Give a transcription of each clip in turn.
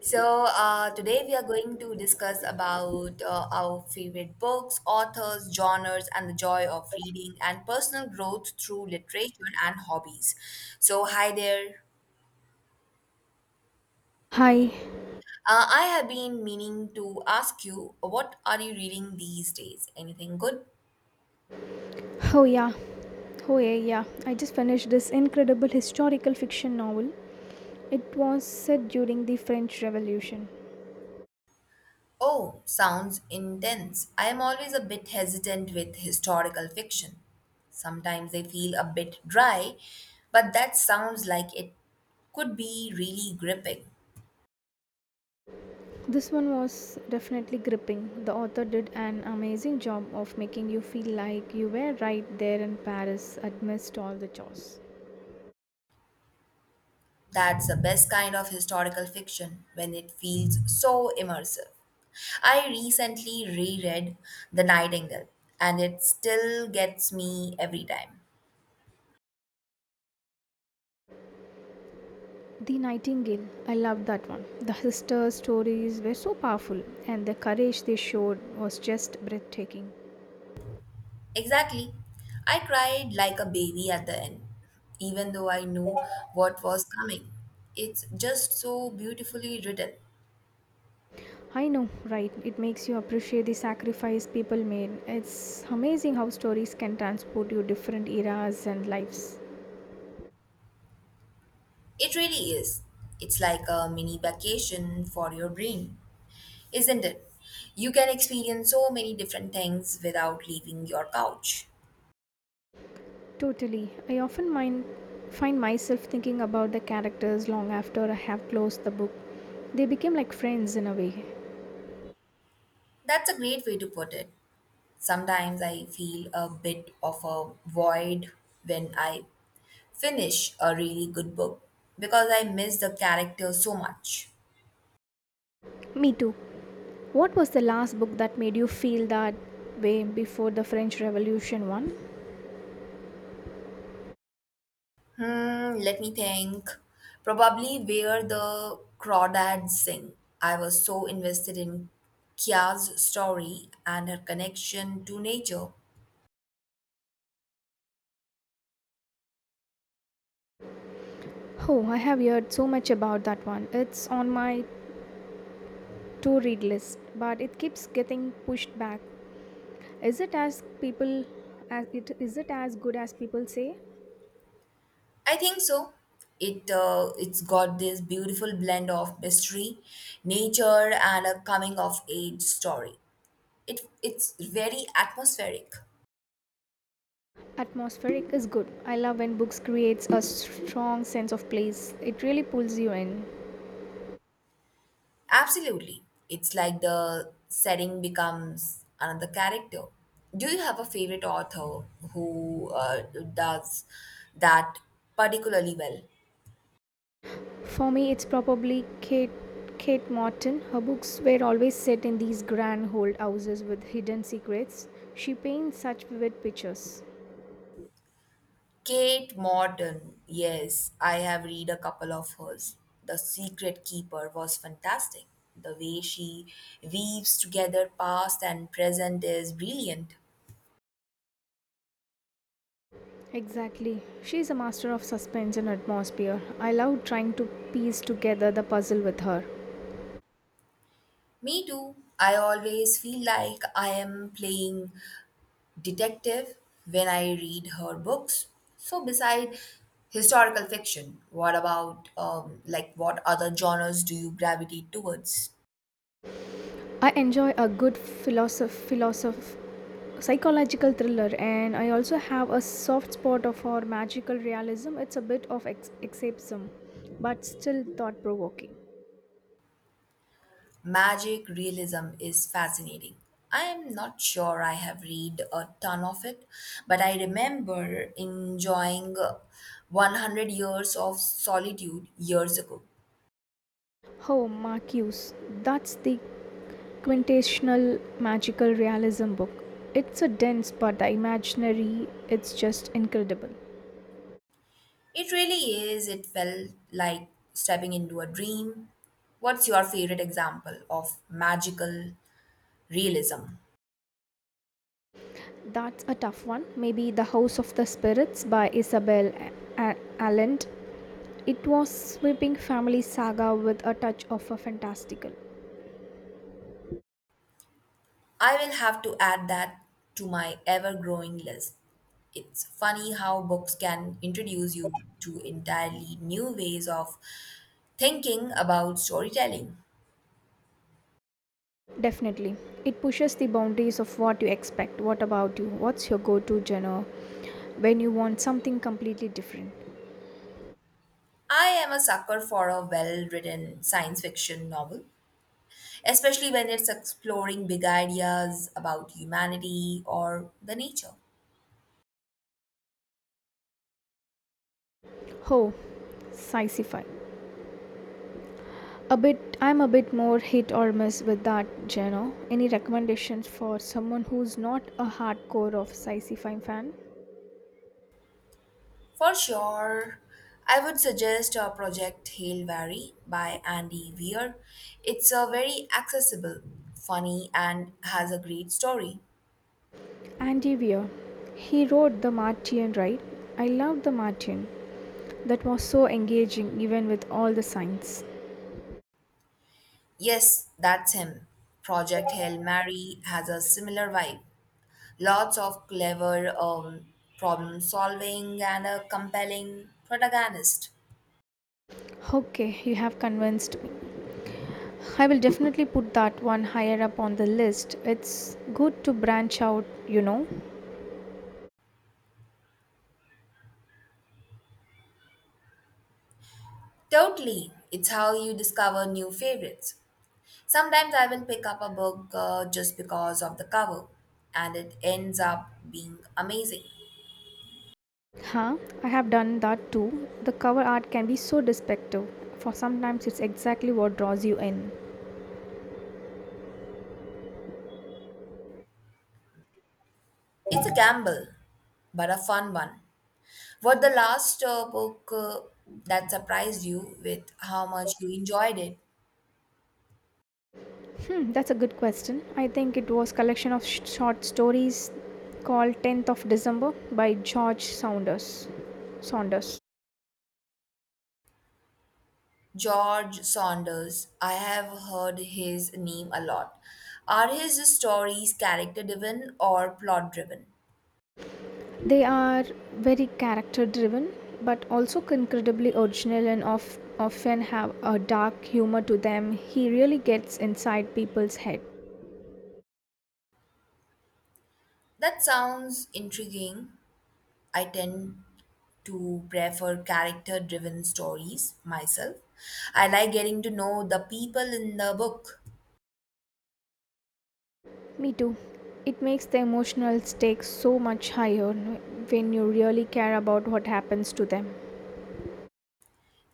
So today we are going to discuss about our favorite books, authors, genres, and the joy of reading and personal growth through literature and hobbies. So hi there. Hi. I have been meaning to ask you, what are you reading these days? Anything good? Oh yeah. Oh yeah, yeah. I just finished this incredible historical fiction novel. It was set during the French Revolution. Oh, sounds intense. I am always a bit hesitant with historical fiction. Sometimes they feel a bit dry, but that sounds like it could be really gripping. This one was definitely gripping. The author did an amazing job of making you feel like you were right there in Paris amidst all the chores. That's the best kind of historical fiction when it feels so immersive. I recently reread The Nightingale and it still gets me every time. The Nightingale, I loved that one. The sisters' stories were so powerful, and the courage they showed was just breathtaking. Exactly. I cried like a baby at the end, even though I knew what was coming. It's just so beautifully written. I know, right? It makes you appreciate the sacrifice people made. It's amazing how stories can transport you different eras and lives. It really is. It's like a mini vacation for your brain, isn't it? You can experience so many different things without leaving your couch. Totally. I often find myself thinking about the characters long after I have closed the book. They became like friends in a way. That's a great way to put it. Sometimes I feel a bit of a void when I finish a really good book because I miss the character so much. Me too. What was the last book that made you feel that way before the French Revolution one? Hmm, let me think. Probably Where the Crawdads Sing. I was so invested in Kia's story and her connection to nature. Oh, I have heard so much about that one. It's on my to read list, but it keeps getting pushed back. Is it as people is it as good as people say? I think so. It's got this beautiful blend of mystery, nature, and a coming of age story. it it's very atmospheric. Atmospheric is good. I love when books creates a strong sense of place. It really pulls you in. Absolutely, it's like the setting becomes another character. Do you have a favorite author who does that particularly well? For me, it's probably Kate Morton. Her books were always set in these grand old houses with hidden secrets. She paints such vivid pictures. Kate Morton, yes, I have read a couple of hers. The Secret Keeper was fantastic. The way she weaves together past and present is brilliant. Exactly. She's a master of suspense and atmosphere. I love trying to piece together the puzzle with her. Me too. I always feel like I am playing detective when I read her books. So, beside historical fiction, what about, like, what other genres do you gravitate towards? I enjoy a good psychological thriller, and I also have a soft spot for magical realism. It's a bit of escapism, but still thought provoking. Magic realism is fascinating. I am not sure I have read a ton of it, but I remember enjoying 100 Years of Solitude years ago. Oh, Marcus. That's the quintessential magical realism book. It's a dense, but the imaginary, it's just incredible. It really is, it felt like stepping into a dream. What's your favorite example of magical realism? That's a tough one. Maybe The House of the Spirits by Isabel A- Allend. It was sweeping family saga with a touch of a fantastical. I will have to add that to my ever growing list. It's funny how books can introduce you to entirely new ways of thinking about storytelling. Definitely. It pushes the boundaries of what you expect. What about you? What's your go to genre when you want something completely different? I am a sucker for a well written science fiction novel, especially when it's exploring big ideas about humanity or the nature. Oh, sci fi. I'm a bit more hit or miss with that genre. Any recommendations for someone who's not a hardcore of sci-fi fan? For sure, I would suggest a project Hail Vary by Andy Weir. It's a very accessible, funny, and has a great story. Andy Weir. He wrote The Martian, right? I loved The Martian. That was so engaging even with all the science. Yes, that's him. Project Hail Mary has a similar vibe. Lots of clever problem solving and a compelling protagonist. Okay, you have convinced I will definitely put that one higher up on the list. It's good to branch out, you know. Totally, it's how you discover new favorites. Sometimes I will pick up a book just because of the cover, and it ends up being amazing. Huh? I have done that too. The cover art can be so deceptive. For sometimes it's exactly what draws you in. It's a gamble, but a fun one. What the last book that surprised you with how much you enjoyed it? Hmm, that's a good question. I think it was collection of short stories called 10th of December by George Saunders. George Saunders. I have heard his name a lot. Are his stories character driven or plot driven? They are very character driven, but also incredibly original and often have a dark humor to them. He really gets inside people's head. That sounds intriguing. I tend to prefer character driven stories myself. I like getting to know the people in the book. Me too. It makes the emotional stakes so much higher when you really care about what happens to them.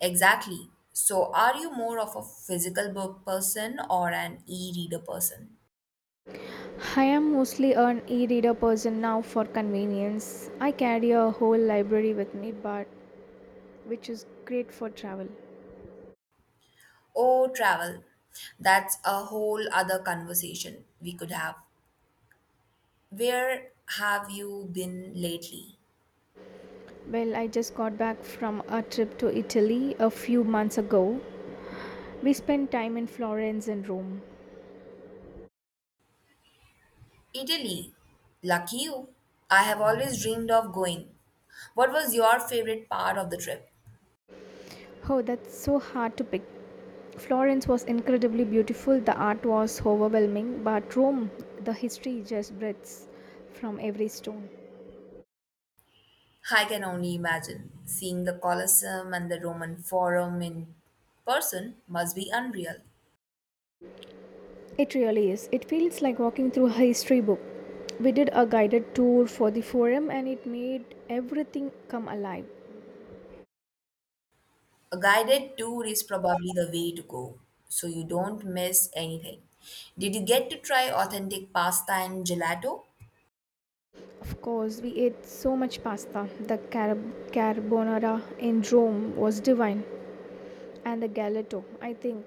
Exactly. So, are you more of a physical book person or an e reader person? I am mostly an e reader person now for convenience. I carry a whole library with me, but which is great for travel. Oh, travel. That's a whole other conversation we could have. Where have you been lately? Well, I just got back from a trip to Italy a few months ago. We spent time in Florence and Rome. Italy. Lucky you. I have always dreamed of going. What was your favorite part of the trip? Oh, that's so hard to pick. Florence was incredibly beautiful, the art was overwhelming, but Rome, the history just breathes from every stone. I can only imagine. Seeing the Colosseum and the Roman Forum in person must be unreal. It really is. It feels like walking through a history book. We did a guided tour for the forum and it made everything come alive. A guided tour is probably the way to go, so you don't miss anything. Did you get to try authentic pasta and gelato? Of course, we ate so much pasta. The carbonara in Rome was divine, and the gelato, I think,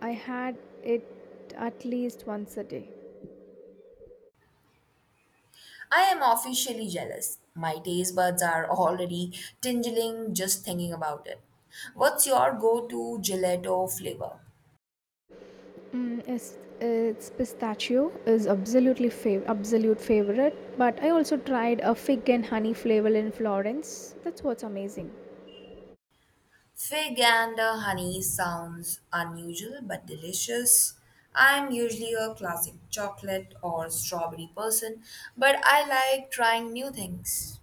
I had it at least once a day. I am officially jealous. My taste buds are already tingling just thinking about it. What's your go to gelato flavor? It's pistachio is absolute favorite. But I also tried a fig and honey flavor in Florence. That's what's amazing. Fig and honey sounds unusual but delicious. I'm usually a classic chocolate or strawberry person, but I like trying new things.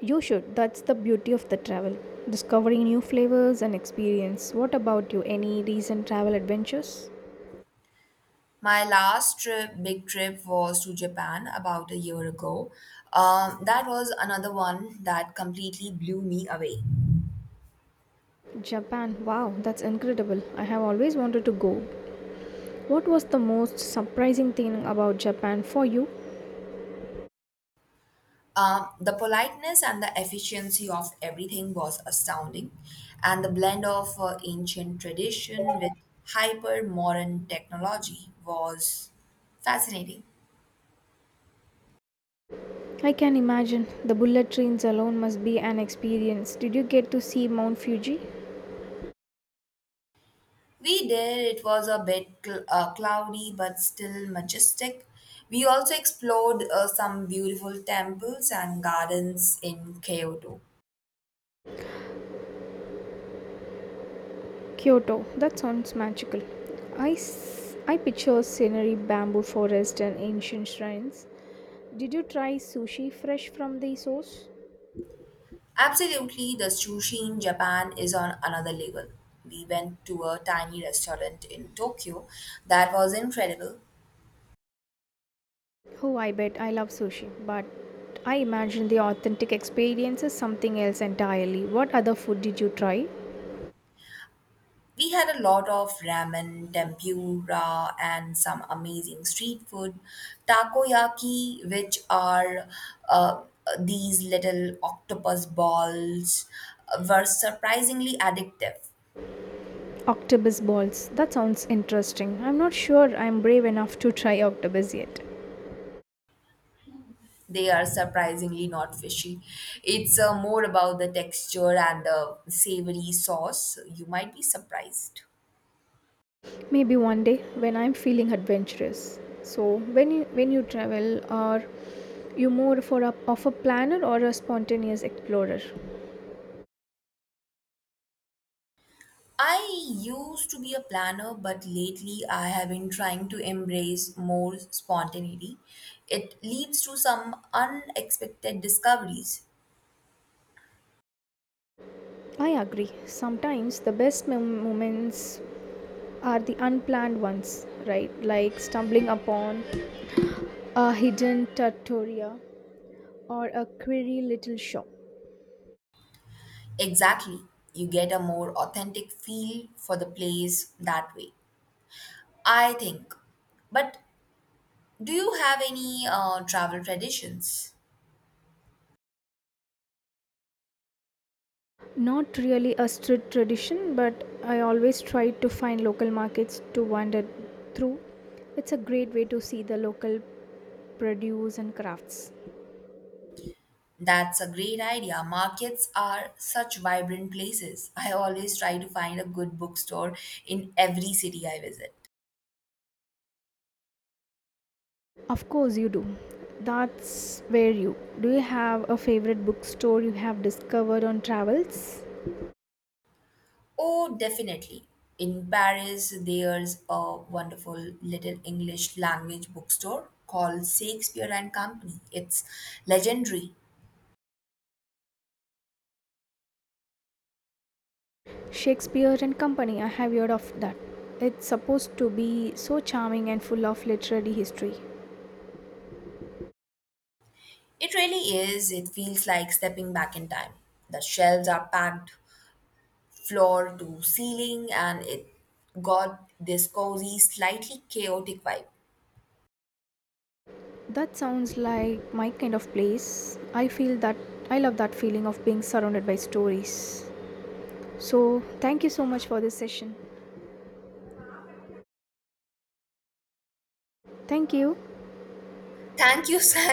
You should. That's the beauty of the travel, discovering new flavors and experience. What about you? Any recent travel adventures? My last trip, big trip, was to Japan about a year ago. That was another one that completely blew me away. Japan. Wow, that's incredible. I have always wanted to go. What was the most surprising thing about Japan for you? The politeness and the efficiency of everything was astounding, and the blend of ancient tradition with hyper modern technology was fascinating. I can imagine. The bullet trains alone must be an experience. Did you get to see Mount Fuji? We did, it was a bit cloudy but still majestic. We also explored some beautiful temples and gardens in Kyoto. Kyoto. That sounds magical. I picture scenery, bamboo forest, and ancient shrines. Did you try sushi fresh from the source? Absolutely, the sushi in Japan is on another level. We went to a tiny restaurant in Tokyo that was incredible. Oh, I bet I love sushi, but I imagine the authentic experience is something else entirely. What other food did you try? We had a lot of ramen, tempura, and some amazing street food. Takoyaki, which are uh, these little octopus balls, were surprisingly addictive. Octopus balls. That sounds interesting. I'm not sure I'm brave enough to try octopus yet. They are surprisingly not fishy. It's more about the texture and the savory sauce. You might be surprised. Maybe one day when I'm feeling adventurous. So when you, when you travel, are you more of a planner or a spontaneous explorer? I used to be a planner, but lately I have been trying to embrace more spontaneity. It leads to some unexpected discoveries. I agree. Sometimes the best moments are the unplanned ones, right? Like stumbling upon a hidden trattoria or a query little shop. Exactly. You get a more authentic feel for the place that way, I think. But do you have any travel traditions? Not really a strict tradition, but I always try to find local markets to wander through. It's a great way to see the local produce and crafts. That's a great idea. Markets are such vibrant places. I always try to find a good bookstore in every city I visit. Of course you do. That's where you Do you have a favorite bookstore you have discovered on travels? Oh, definitely. In Paris, there's a wonderful little English language bookstore called Shakespeare and Company. It's legendary. Shakespeare and Company. I have heard of that. It's supposed to be so charming and full of literary history. It really is. It feels like stepping back in time. The shelves are packed floor to ceiling, and it got this cozy, slightly chaotic vibe. That sounds like my kind of place. I feel that. I love that feeling of being surrounded by stories. So thank you so much for this session. Thank you. Thank you, Sam.